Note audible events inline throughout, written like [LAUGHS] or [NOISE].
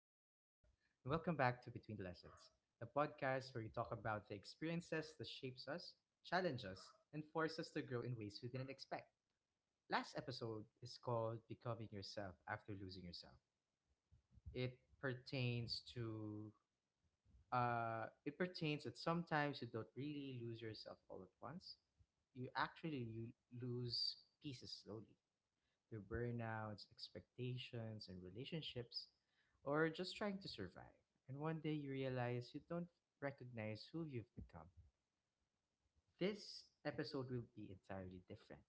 the Lessons, the podcast where we talk about the experiences that shapes us, challenge us, and force us to grow in ways we didn't expect. Last episode is called Becoming Yourself After Losing Yourself. It pertains to It pertains that sometimes you don't really lose yourself all at once. You lose pieces slowly to burnouts, expectations, and relationships, or just trying to survive. And one day you realize you don't recognize who you've become. This episode will be entirely different.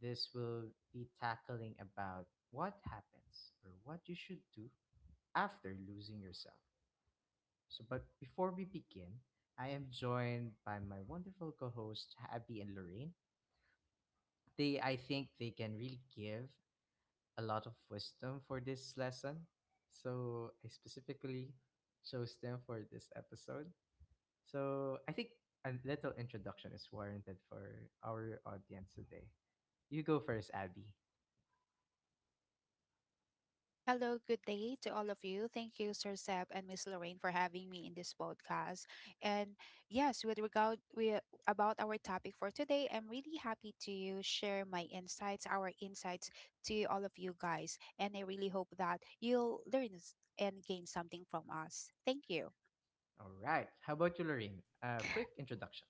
This will be tackling about what happens or what you should do after losing yourself. So, but before we begin, I am joined by my wonderful co-host Abby and Lorraine. They, I think, they can really give a lot of wisdom for this lesson. So I specifically chose them for this episode. So I think a little introduction is warranted for our audience today. You go first, Abby. Hello, good day to all of you. Thank you, Sir Seb and Miss Lorraine, for having me in this podcast. And yes, about our topic for today, I'm really happy to share my insights, our insights to all of you guys. And I really hope that you'll learn and gain something from us. Thank you. All right. How about you, Lorraine? A quick introduction.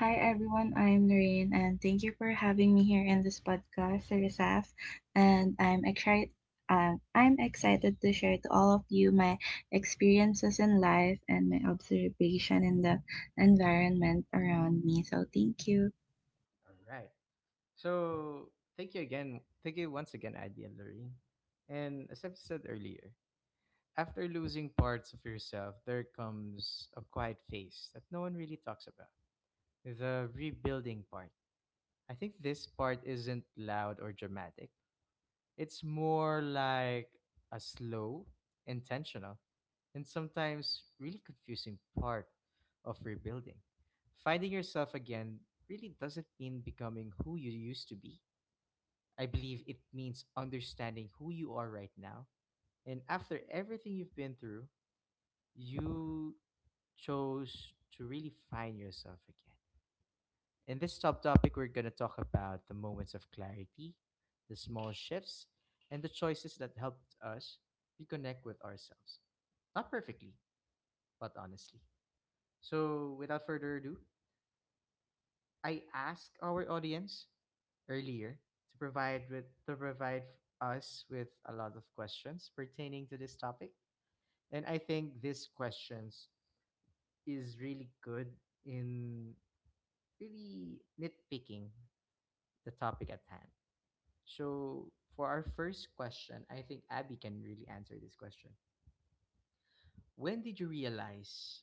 Hi everyone, I'm Noreen and thank you for having me here in this podcast, Rizaf. And I'm excited I'm excited to share to all of you my experiences in life and my observation in the environment around me. So thank you. All right. So thank you again. Thank you once again, Abby and Lorraine. And as I've said earlier, after losing parts of yourself, there comes a quiet phase that no one really talks about the rebuilding part. I think this part isn't loud or dramatic. It's more like a slow, intentional, and sometimes really confusing part of rebuilding. Finding yourself again really doesn't mean becoming who you used to be. I believe it means understanding who you are right now. And after everything you've been through, you chose to really find yourself again. In this subtopic, we're going to talk about the moments of clarity, the small shifts, and the choices that helped us reconnect with ourselves. Not perfectly, but honestly. So, without further ado, I ask our audience earlier to provide us with a lot of questions pertaining to this topic, and I think these questions is really good in really nitpicking the topic at hand. So, for our first question, I think Abby can really answer this question. When did you realize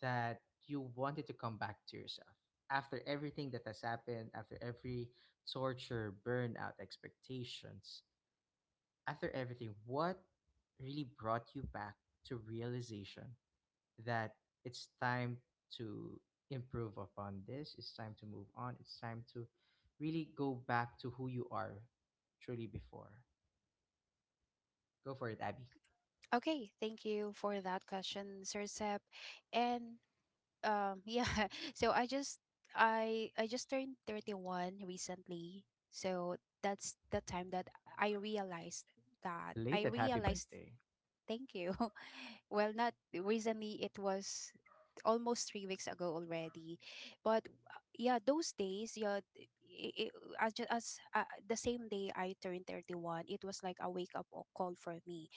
that you wanted to come back to yourself? After everything that has happened, after every torture, burnout, expectations, after everything, what really brought you back to realization that it's time to improve upon this, it's time to move on, it's time to really go back to who you are truly before? Go for it, Abby. Okay, okay, thank you for that question, Sir Seb. And yeah [LAUGHS] So I just turned 31 recently. So that's the time that i realized that i Belated happy realized birthday. Thank you. [LAUGHS] Well, not recently, it was almost 3 weeks ago already. But yeah, those days, yeah, it, as, ju- as the same day I turned 31, it was like a wake-up call for me,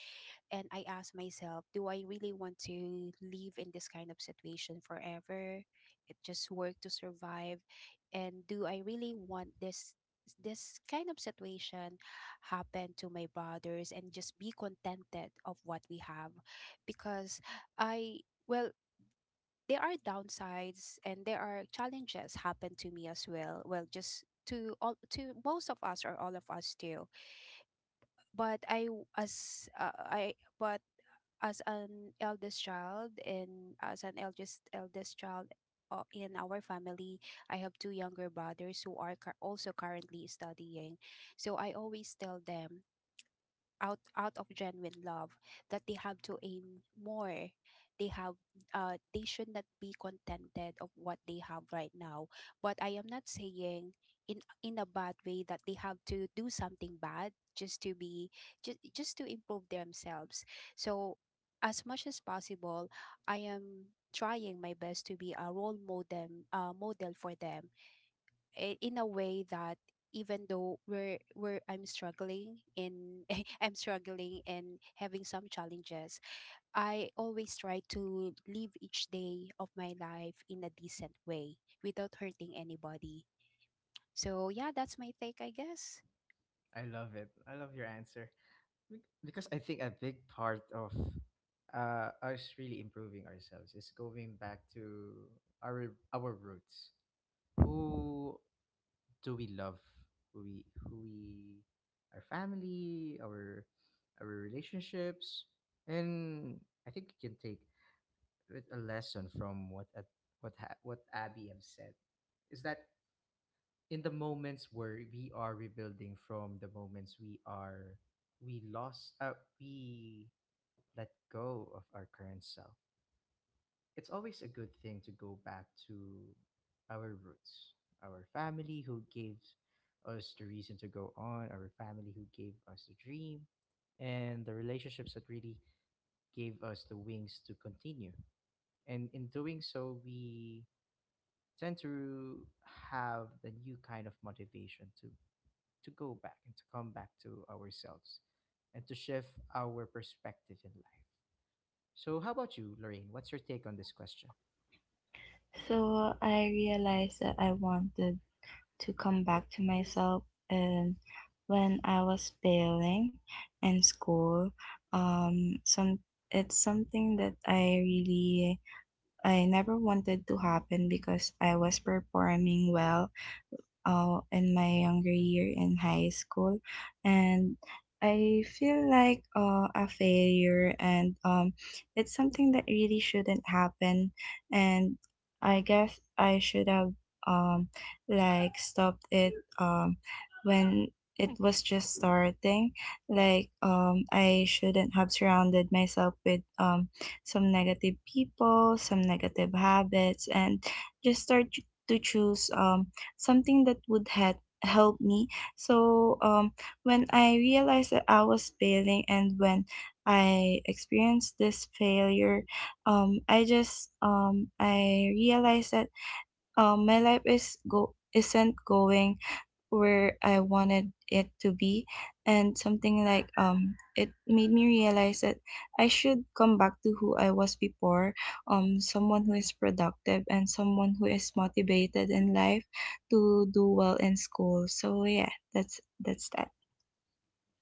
and I ask myself, do I really want to live in this kind of situation forever? It just work to survive, and do I really want this kind of situation happen to my brothers, and just be contented of what we have? Because I, well, there are downsides and there are challenges happen to me as well, just to most of us or all of us too. But I w- as I but as an eldest child, and as an eldest child in our family, I have two younger brothers who are also currently studying. So I always tell them out of genuine love that they have to aim more. They have uh they should not be contented of what they have right now. But I am not saying in a bad way that they have to do something bad just to be just to improve themselves. So as much as possible, I am trying my best to be a role model for them, in a way that even though we're I'm struggling in [LAUGHS] I'm struggling and having some challenges, I always try to live each day of my life in a decent way without hurting anybody. So yeah, that's my take, I guess. I love it. I love your answer. Because I think a big part of us really improving ourselves is going back to our roots. Who do we love? Who we, our family, our relationships, and I think we can take with a lesson from what a- what ha- what Abby have said is that in the moments where we are rebuilding from the moments we lost we let go of our current self, it's always a good thing to go back to our roots, our family who gave us the reason to go on, our family who gave us the dream and the relationships that really gave us the wings to continue. And in doing so we tend to have the new kind of motivation to go back and to come back to ourselves and to shift our perspective in life. So how about you, Lorraine? What's your take on this question? So I realized that I wanted to come back to myself and when I was failing in school. Some It's something that I really I never wanted to happen because I was performing well in my younger year in high school, and I feel like a failure, and it's something that really shouldn't happen, and I guess I should have, um, like, stopped it um, when it was just starting. Like, I shouldn't have surrounded myself with, some negative people, some negative habits, and just start to choose something that would had help me. So when I realized that I was failing and when I experienced this failure, I just, I realized that, my life is go isn't going where I wanted it to be, and something like, it made me realize that I should come back to who I was before, someone who is productive and someone who is motivated in life to do well in school. So yeah, that's that.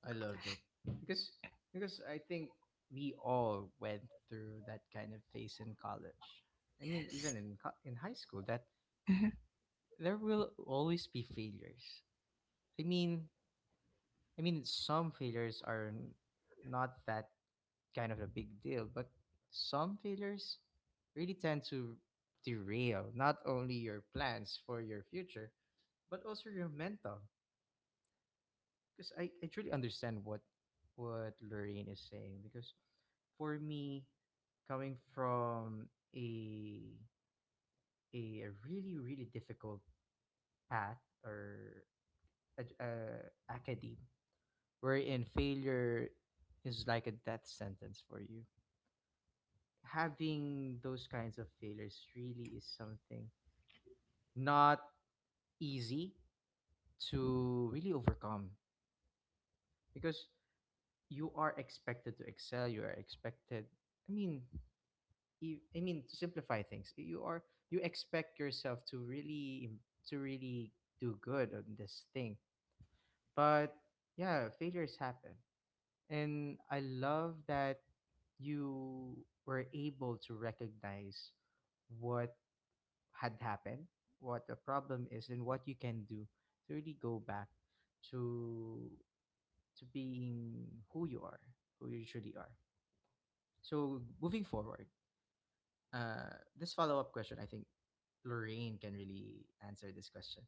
I love it. Because I think we all went through that kind of phase in college. I mean, even Yes. In high school that Mhm. there will always be failures. I mean, I mean, some failures are not that kind of a big deal, but some failures really tend to derail not only your plans for your future, but also your mental. Because I truly understand what Lorraine is saying. Because for me, coming from a a really really difficult path or a academe wherein failure is like a death sentence for you. Having those kinds of failures really is something not easy to really overcome because you are expected to excel. You are expected. I mean, I mean to simplify things, you expect yourself to really to really do good on this thing. But yeah, failures happen. And I love that you were able to recognize what had happened, what the problem is, and what you can do to really go back to being who you are, who you truly are. So moving forward, this follow up question, I think Lorraine can really answer this question.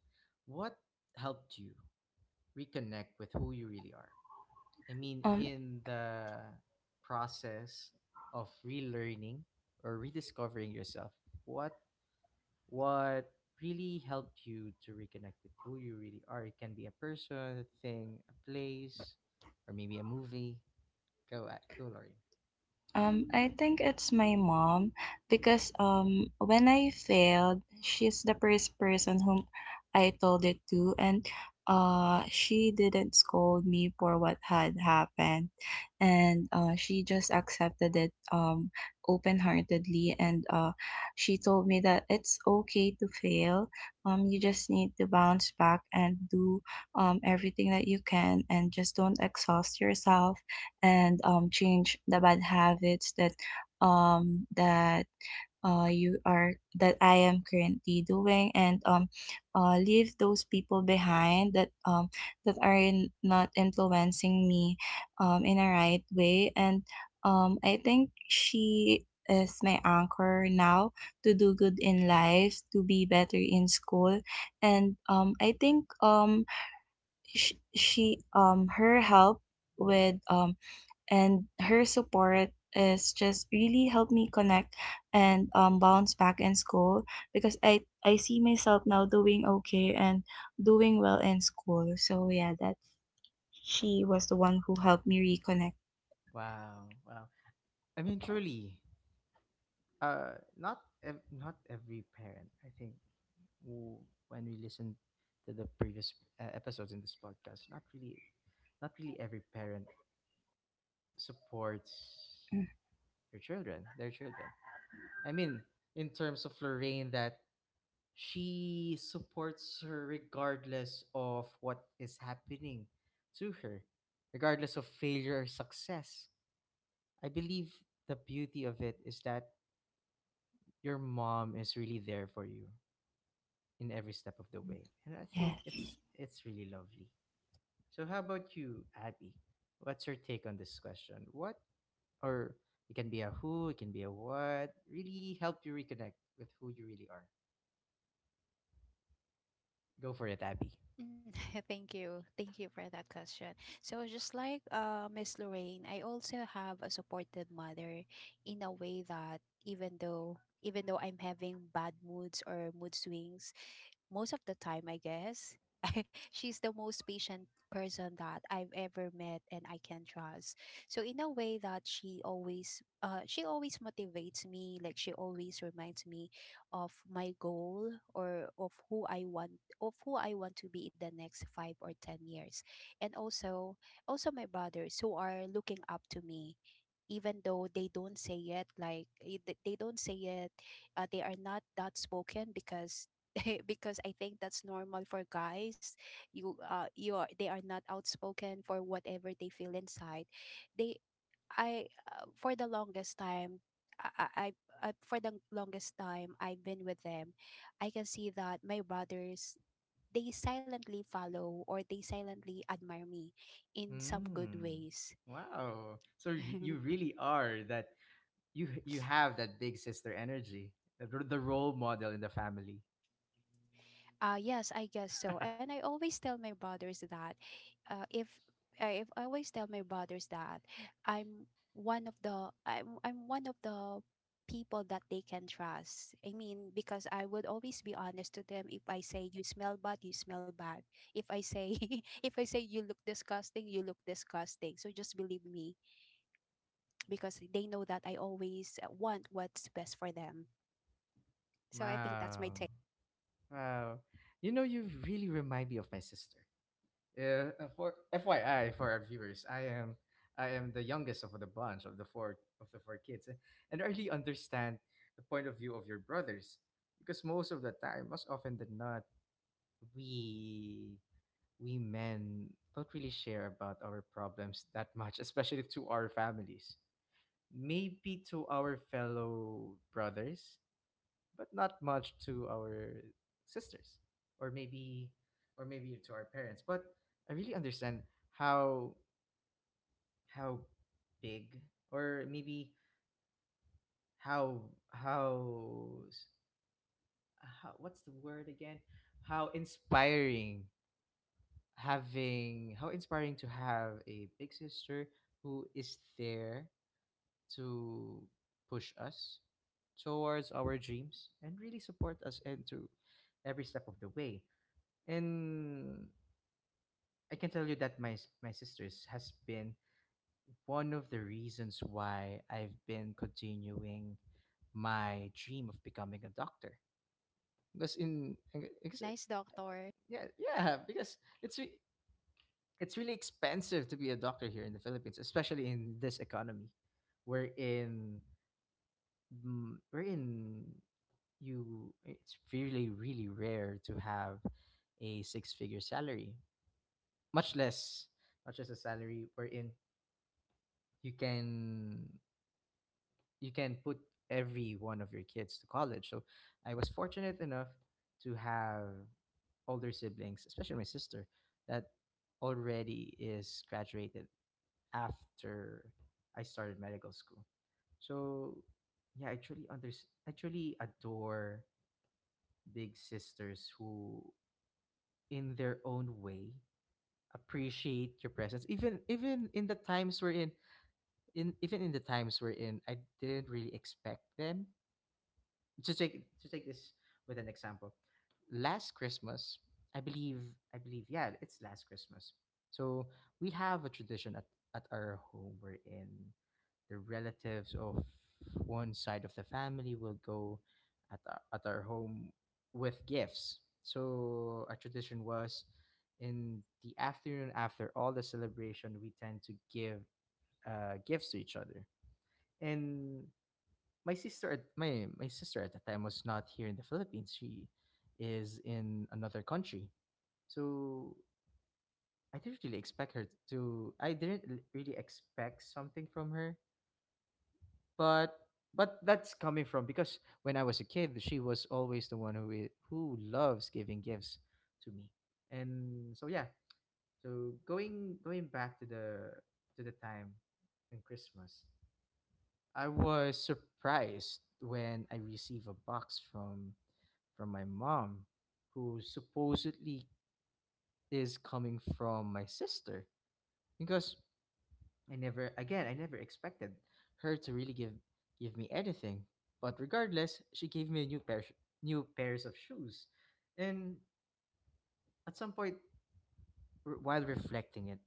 What helped you reconnect with who you really are? I mean, Um, in the process of relearning or rediscovering yourself, what what really helped you to reconnect with who you really are? It can be a person, a thing, a place, or maybe a movie. Go, Lori. I think it's my mom because when I failed, she's the first person whom I told it to, and she didn't scold me for what had happened, and she just accepted it, open-heartedly, and she told me that it's okay to fail. You just need to bounce back and do everything that you can, and just don't exhaust yourself, and change the bad habits that that you are that I am currently doing, and, leave those people behind that, that are not influencing me in a right way. And I think she is my anchor now to do good in life, to be better in school. And she, her help with, and her support is just really helped me connect and, bounce back in school, because I see myself now doing okay and doing well in school. So yeah, that, she was the one who helped me reconnect. Wow, wow. I mean, truly, not every parent, I think, who- when we listen to the previous episodes in this podcast, not really every parent supports Mm. your children, their children. I mean, in terms of Lorraine, that she supports her regardless of what is happening to her, regardless of failure or success. I believe the beauty of it is that your mom is really there for you in every step of the way. And I think Yes. it's really lovely. So how about you, Abby? What's your take on this question? What or it can be a who, it can be a what. Really help you reconnect with who you really are. Go for it, Abby. Mm. [LAUGHS] Thank you. Thank you for that question. So just like Miss Lorraine, I also have a supportive mother in a way that even though I'm having bad moods or mood swings most of the time, I guess. [LAUGHS] She's the most patient person that I've ever met and I can trust. So in a way that she always motivates me, like she always reminds me of my goal, or of who I want to be in the next 5 or 10 years. And also my brothers, who are looking up to me even though they don't say it, like they don't say it. They are not that spoken because [LAUGHS] because I think that's normal for guys. You you are they are not outspoken for whatever they feel inside. They I for the longest time, I, I I've been with them. I can see that my brothers, they silently follow or they silently admire me in some good Mm. ways. Wow. So you [LAUGHS] really are that you have that big sister energy, the role model in the family. Yes, I guess so. And I [LAUGHS] always tell my brothers that uh, if if I always tell my brothers that I'm one of the people that they can trust. I mean, because I would always be honest to them. If I say you smell bad, you smell bad. If I say [LAUGHS] if I say you look disgusting, you look disgusting. So just believe me, because they know that I always want what's best for them. So I think that's my Wow. take. Wow. You know, you really remind me of my sister. Yeah, for FYI for our viewers, I am the youngest of the bunch of the four kids, eh, and I really understand the point of view of your brothers because most of the time, most often than not, we we men don't really share about our problems that much, especially to our families. Maybe to our fellow brothers, but not much to our sisters or maybe or maybe to our parents. But I really understand how how big or maybe how how s- how what's the word again how inspiring having how inspiring to have a big sister who is there to push us towards our dreams and really support us into every step of the way. And I can tell you that my sisters has been one of the reasons why I've been continuing my dream of becoming a doctor. Because in because Nice uh, doctor. yeah, yeah, because it's really expensive to be a doctor here in the Philippines, especially in this economy, wherein wherein you it's really really rare to have a six figure salary, much less much as a salary wherein you can you can put every one of your kids to college. So I was fortunate enough to have older siblings, especially my sister, that already is graduated after I started medical school. So yeah, I truly adore big sisters who in their own way appreciate your presence, even in the times we're in, I didn't really expect them to take this with an example. Last Christmas, I believe, I believe, yeah, it's last Christmas. So we have a tradition at our home wherein the relatives of one side of the family will go at our home with gifts. So our tradition was in the afternoon after all the celebration, we tend to give gifts to each other. And my my sister at the time was not here in the Philippines. She is in another country. So I didn't really expect something from her. But but that's coming from because when I was a kid, she was always the one who who loves giving gifts to me. And so yeah. So going back to the time in Christmas. I was surprised when I received a box from my mom, who supposedly is coming from my sister, because I never expected her to really give me anything. But regardless, she gave me a new pairs of shoes, and at some point, while reflecting it,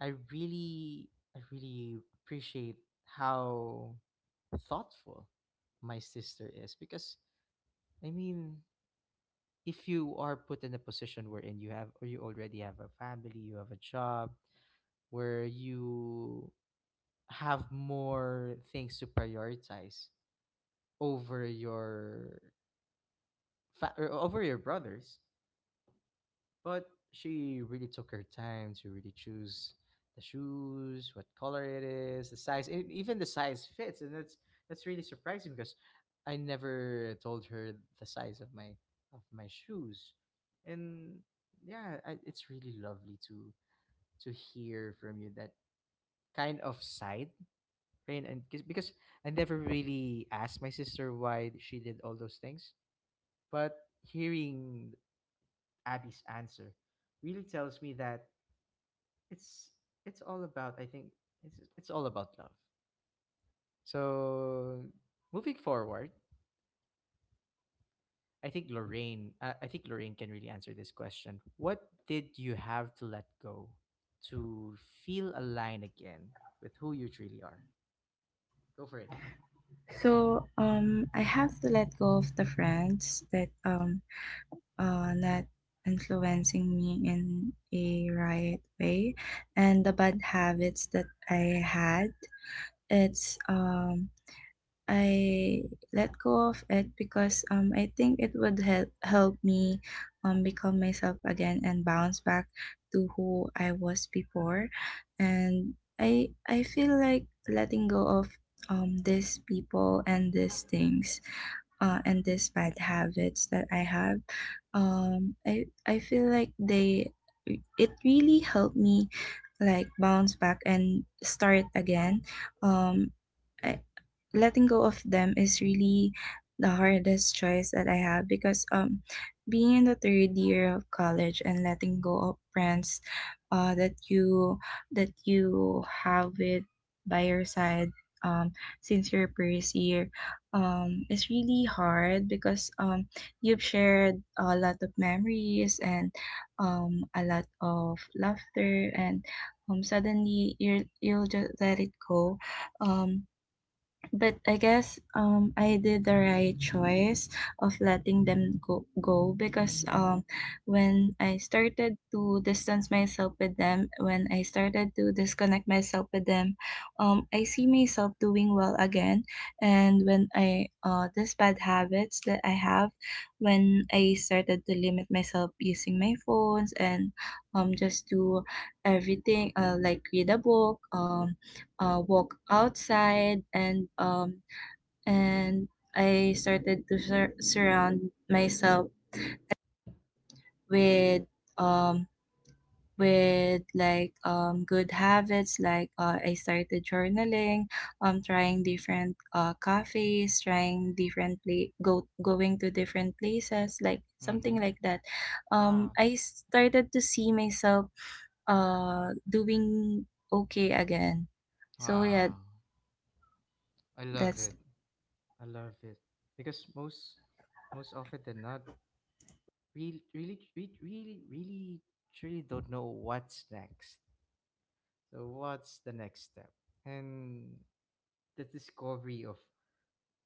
I really I really appreciate how thoughtful my sister is. Because I mean, if you are put in a position wherein you already have a family, you have a job, where you have more things to prioritize over your fa- or over your brothers, but she really took her time to really choose the shoes, what color it is, the size, and even the size fits. And that's really surprising because I never told her the size of my shoes. And yeah, it's really lovely to hear from you that kind of side, Rain, and because I never really asked my sister why she did all those things, but hearing Abby's answer really tells me that it's it's all about I think it's all about love. So moving forward, I think Lorraine can really answer this question. What did you have to let go to feel aligned again with who you truly are? Go for it. So, I have to let go of the friends that not influencing me in a right way, and the bad habits that I had. It's I let go of it because, I think it would help me, become myself again and bounce back to who I was before. And I feel like letting go of, these people and these things, and these bad habits that I have. I feel like they, it really helped me, like, bounce back and start again. Um, I, Letting go of them is really the hardest choice that I have, because being in the third year of college and letting go of friends that you have it by your side, um since your first year, is really hard because you've shared a lot of memories and, a lot of laughter, and suddenly you, you'll just let it go. um but I guess, I did the right choice of letting them go because, when I started to distance myself with them, when I started to disconnect myself with them, I see myself doing well again. And when I, these bad habits that I have, when I started to limit myself using my phones and, just do everything, like read a book, walk outside, and, and I started to surround myself with, um, with, like, good habits, like, I started journaling, trying different cafes, trying different go going to different places, like something Mm-hmm. like that. Ah. I started to see myself, doing okay again. So yeah, Wow. I love that's. it. I love it because most often than not, really, really, really, really, really, truly don't know what's next. So, what's the next step? And the discovery of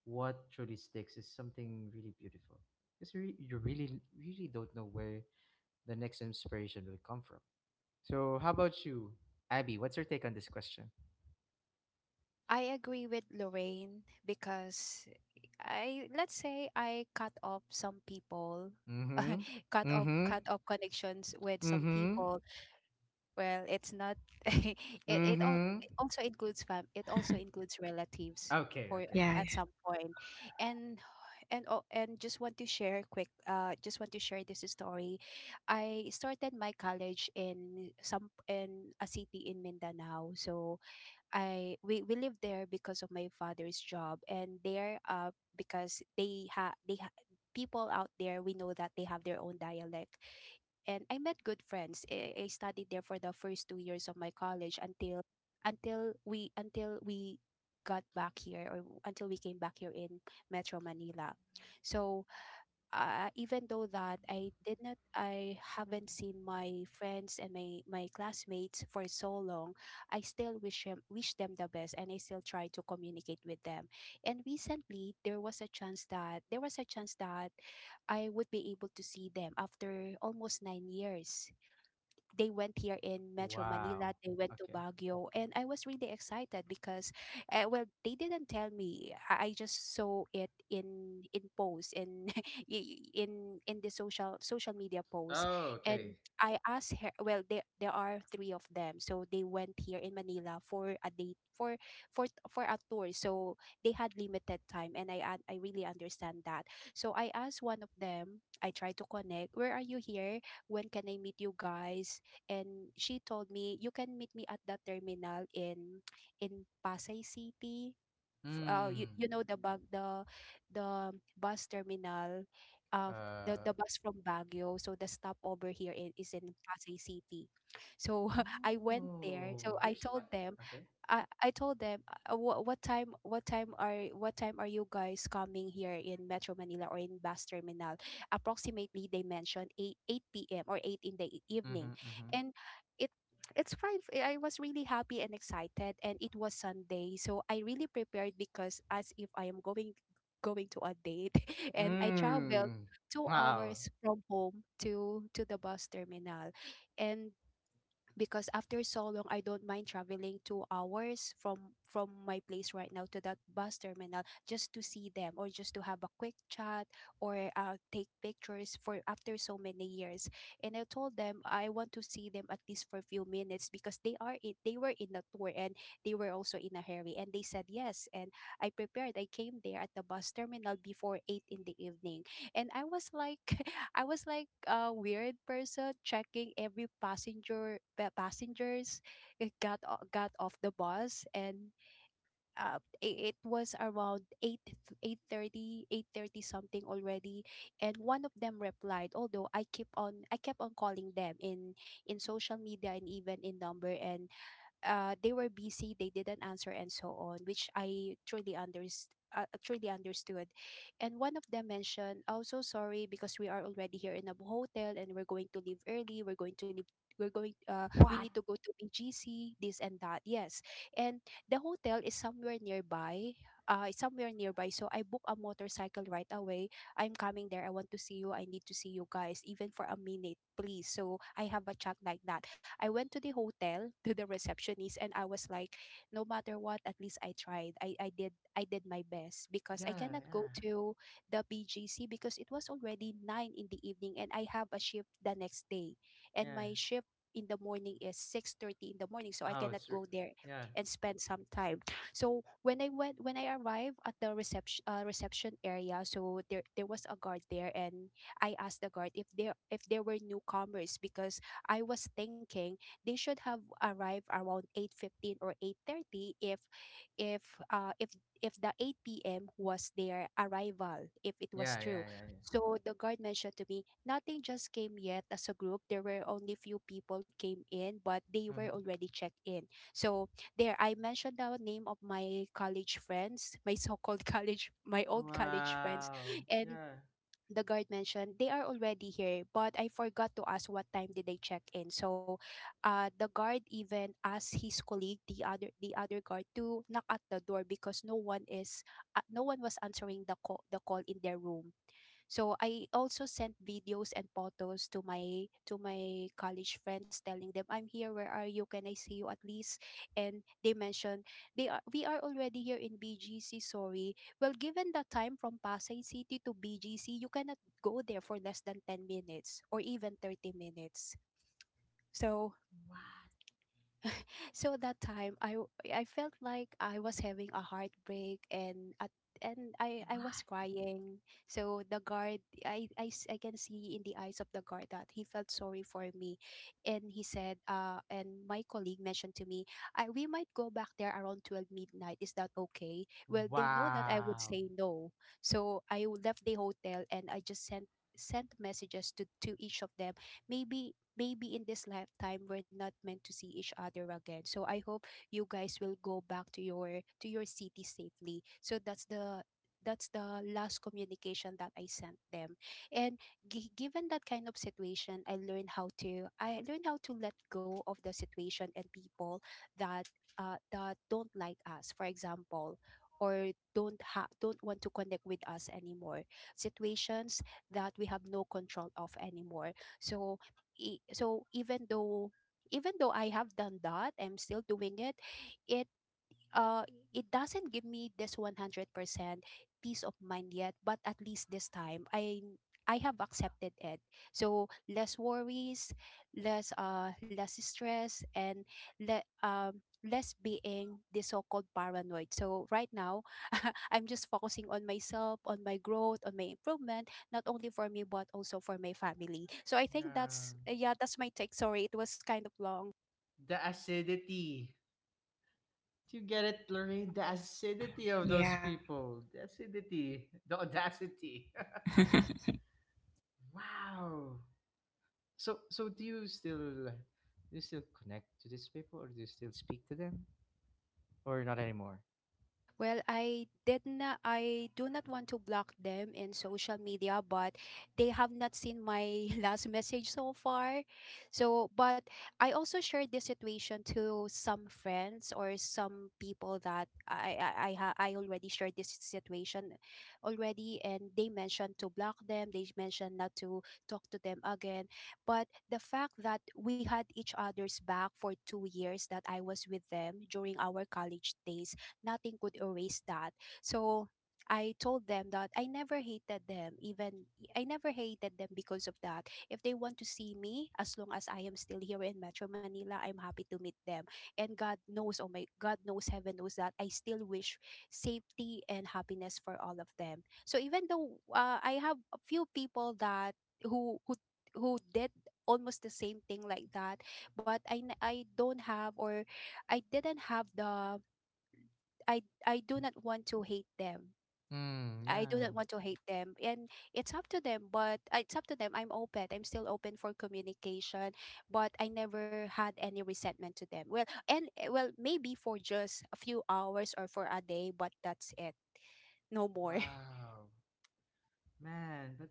what truly sticks is something really beautiful because you really, really don't know where the next inspiration will come from. So, how about you, Abby? What's your take on this question? I agree with Lorraine because I let's say I cut off some people, Mm hmm. [LAUGHS] cut Mm off hmm. cut off connections with Mm some hmm. people. Well, it's not. [LAUGHS] it Mm it, al- hmm. it also includes fam. It also includes relatives Okay, for okay. Yeah, at some point. And and oh, and just want to share quick. Just want to share this story. I started my college in a city in Mindanao, so we live there because of my father's job, and there because they ha people out there, we know that they have their own dialect. And I met good friends. I studied there for the first 2 years of my college, until we got back here, or until we came back here in Metro Manila. So even though that I did not, I haven't seen my friends and my classmates for so long, I still wish them the best, and I still try to communicate with them. And recently, there was a chance that there was a chance that I would be able to see them after almost 9 years. They went here in Metro Manila, Wow. they went to Okay. Baguio, and I was really excited, because well, they didn't tell me. I just saw it in posts in [LAUGHS] in the social media posts. Oh, And okay. I asked her, well, there are three of them. So they went here in Manila for a date for a tour. So they had limited time, and I really understand that. So I asked one of them, I tried to connect, where are you here? When can I meet you guys? And she told me, you can meet me at that terminal in Pasay City. F- uh you, Hmm. you know the bus terminal, uh the, Uh, the bus from Baguio, so the stopover here is in Pasay City. So [LAUGHS] I went there, so Oh, I there's five. told them, Okay. I, I told them what time are you guys coming here in Metro Manila or in bus terminal? Approximately they mentioned 8 p.m. or 8 in the Mm-hmm, evening, mm-hmm. and it it's fine. I was really happy and excited, and it was Sunday, so I really prepared, because as if I am going going to a date, [LAUGHS] and I traveled Mm. two Wow. hours from home to the bus terminal, and because after so long, I don't mind traveling 2 hours from my place right now to that bus terminal, just to see them or just to have a quick chat or take pictures for after so many years. And I told them, I want to see them at least for a few minutes, because they were in a tour, and they were also in a hurry, and they said yes. And I came there at the bus terminal before 8 in the evening, and I was like a weird person, checking every passengers got off the bus. And it was around 8 eight thirty eight thirty something already, and one of them replied, although I kept on calling them in social media and even in number, and they were busy, they didn't answer, and so on, which I truly truly understood. And one of them mentioned, "Oh, so sorry, because we are already here in a hotel, and we're going to leave early. We're going to leave. We're going. We need What? to go to BGC. This and that." Yes, and the hotel is somewhere nearby. It's somewhere nearby. So I book a motorcycle right away. I'm coming there. I want to see you. I need to see you guys, even for a minute, please. So I have a chat like that. I went to the hotel to the receptionist, and I was like, no matter what, at least I tried. I did my best, because I Yeah, cannot go yeah, to the BGC, because it was already 9 in the evening, and I have a shift the next day. And yeah. my shift in the morning is 6:30 in the morning. So I Oh, cannot go there yeah, and spend some time. So when I arrived at the reception area, so there was a guard there, and I asked the guard if there were newcomers, because I was thinking they should have arrived around 8:15 or 8:30, if uh if if the 8 p.m. was their arrival, if it was yeah, true. yeah, yeah, yeah. So the guard mentioned to me, nothing just came yet as a group. There were only few people came in, but they were Mm-hmm. already checked in. So there, I mentioned the name of my college friends, my so-called [LAUGHS] college, my old college friends, Wow. and Yeah. the guard mentioned they are already here, but I forgot to ask what time did they check in. So the guard even asked his colleague, the other guard, to knock at the door because no one was answering the call in their room. So I also sent videos and photos to my college friends telling them, I'm here, where are you, can I see you at least? And they mentioned they are we are already here in BGC. Sorry, well, given the time from Pasay City to BGC, you cannot go there for less than 10 minutes or even 30 minutes. So What? At that time I felt like I was having a heartbreak. And I was What? crying. So the guard, I can see in the eyes of the guard that he felt sorry for me. And he said, and my colleague mentioned to me, we might go back there around 12 midnight. Is that okay? Well, they know that I would Wow. say no. So left the hotel and I just sent messages to each of them. Maybe in this lifetime we're not meant to see each other again. So I hope you guys will go back to your city safely. So that's the last communication that I sent them. And given that kind of situation, I learned how to let go of the situation and people that that don't like us. For example, or don't want to connect with us anymore, situations that we have no control of anymore. So even though I have done that, I'm still doing it. It uh it doesn't give me this 100% peace of mind yet, but at least this time I have accepted it. So less worries, less less stress, and less being the so-called paranoid. So right now [LAUGHS] I'm just focusing on myself, on my growth, on my improvement, not only for me but also for my family. So I think Yeah. that's, yeah, that's my take. Sorry, it was kind of long. The acidity. Do you get it, Lorraine? The acidity of those yeah, people. The acidity. The audacity. [LAUGHS] Wow. So do you still connect to these people, or do you still speak to them or not anymore? Well, I do not want to block them in social media, but they have not seen my [LAUGHS] last message so far. So, but I also shared this situation to some friends or some people that I already shared this situation already, and they mentioned to block them, they mentioned not to talk to them again. But the fact that we had each other's back for 2 years that I was with them during our college days, nothing could erase that. So I told them that I never hated them, even I never hated them because of that. If they want to see me, as long as I am still here in Metro Manila, I'm happy to meet them. And God knows, oh, my God knows, heaven knows that I still wish safety and happiness for all of them. So even though I have a few people that who who who did almost the same thing like that, but I don't have, or I didn't have the, I do not want to hate them. Hmm. I do Yeah. not want to hate them, and it's up to them. But it's up to them. I'm open. I'm still open for communication, but I never had any resentment to them. Well, and well, maybe for just a few hours or for a day, but that's it. No more. Wow. Man, but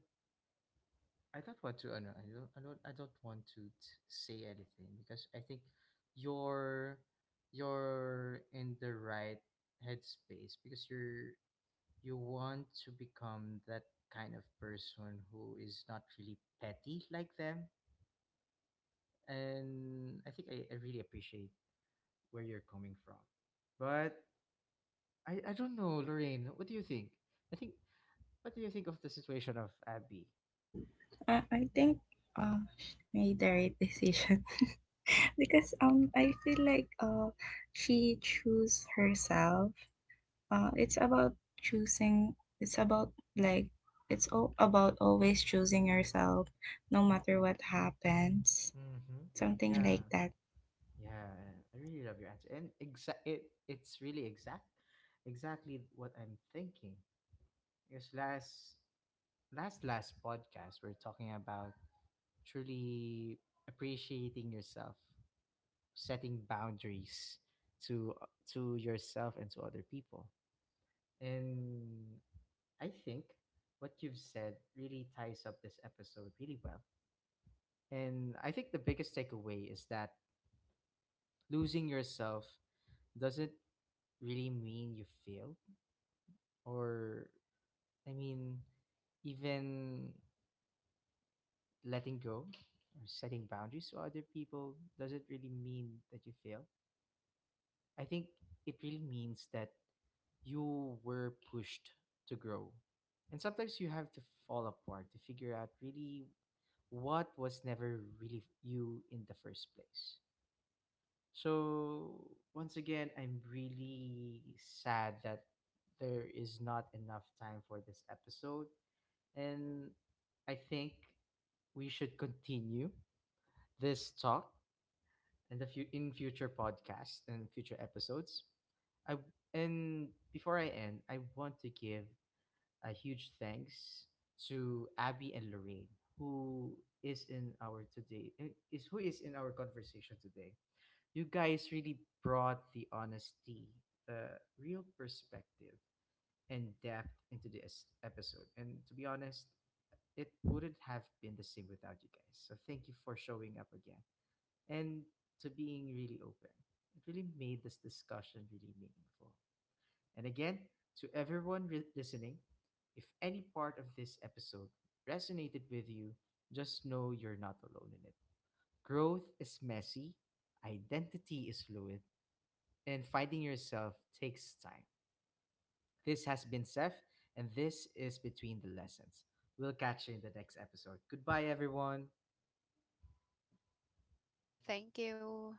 I don't want to. I don't. I don't. I don't want to say anything because I think you're you're in the right headspace because you want to become that kind of person who is not really petty like them, and I really appreciate where you're coming from. But I don't know, Lorraine. What do you think? I think what do you think of the situation of Abby? I think, she made the right decision [LAUGHS] because I feel like, she choose herself. It's about choosing. It's about, like, it's all about always choosing yourself, no matter what happens. Mm-hmm. Something like Yeah, that. yeah. I really love your answer, and it it's really exact, exactly what I'm thinking. Because last podcast we're talking about truly appreciating yourself, setting boundaries to yourself and to other people, and I think what you've said really ties up this episode really well. And I think the biggest takeaway is that losing yourself doesn't really mean you failed, or I mean, even letting go or setting boundaries to other people doesn't really mean that you fail. I think it really means that you were pushed to grow. And sometimes you have to fall apart to figure out really what was never really you in the first place. So, once again, I'm really sad that there is not enough time for this episode. And I think we should continue this talk in the few in future podcasts and future episodes. I and Before I end, I want to give a huge thanks to Abby and Lorraine, who is in our today eh, is who is in our conversation today. You guys really brought the honesty, the real perspective, and depth into this episode. And to be honest, it wouldn't have been the same without you guys. So thank you for showing up again and to being really open. It really made this discussion really meaningful. And again, to everyone listening, if any part of this episode resonated with you, just know you're not alone in it. Growth is messy, identity is fluid, and finding yourself takes time. This has been Seth, and this is Between the Lessons. We'll catch you in the next episode. Goodbye, everyone. [LAUGHS] Thank you.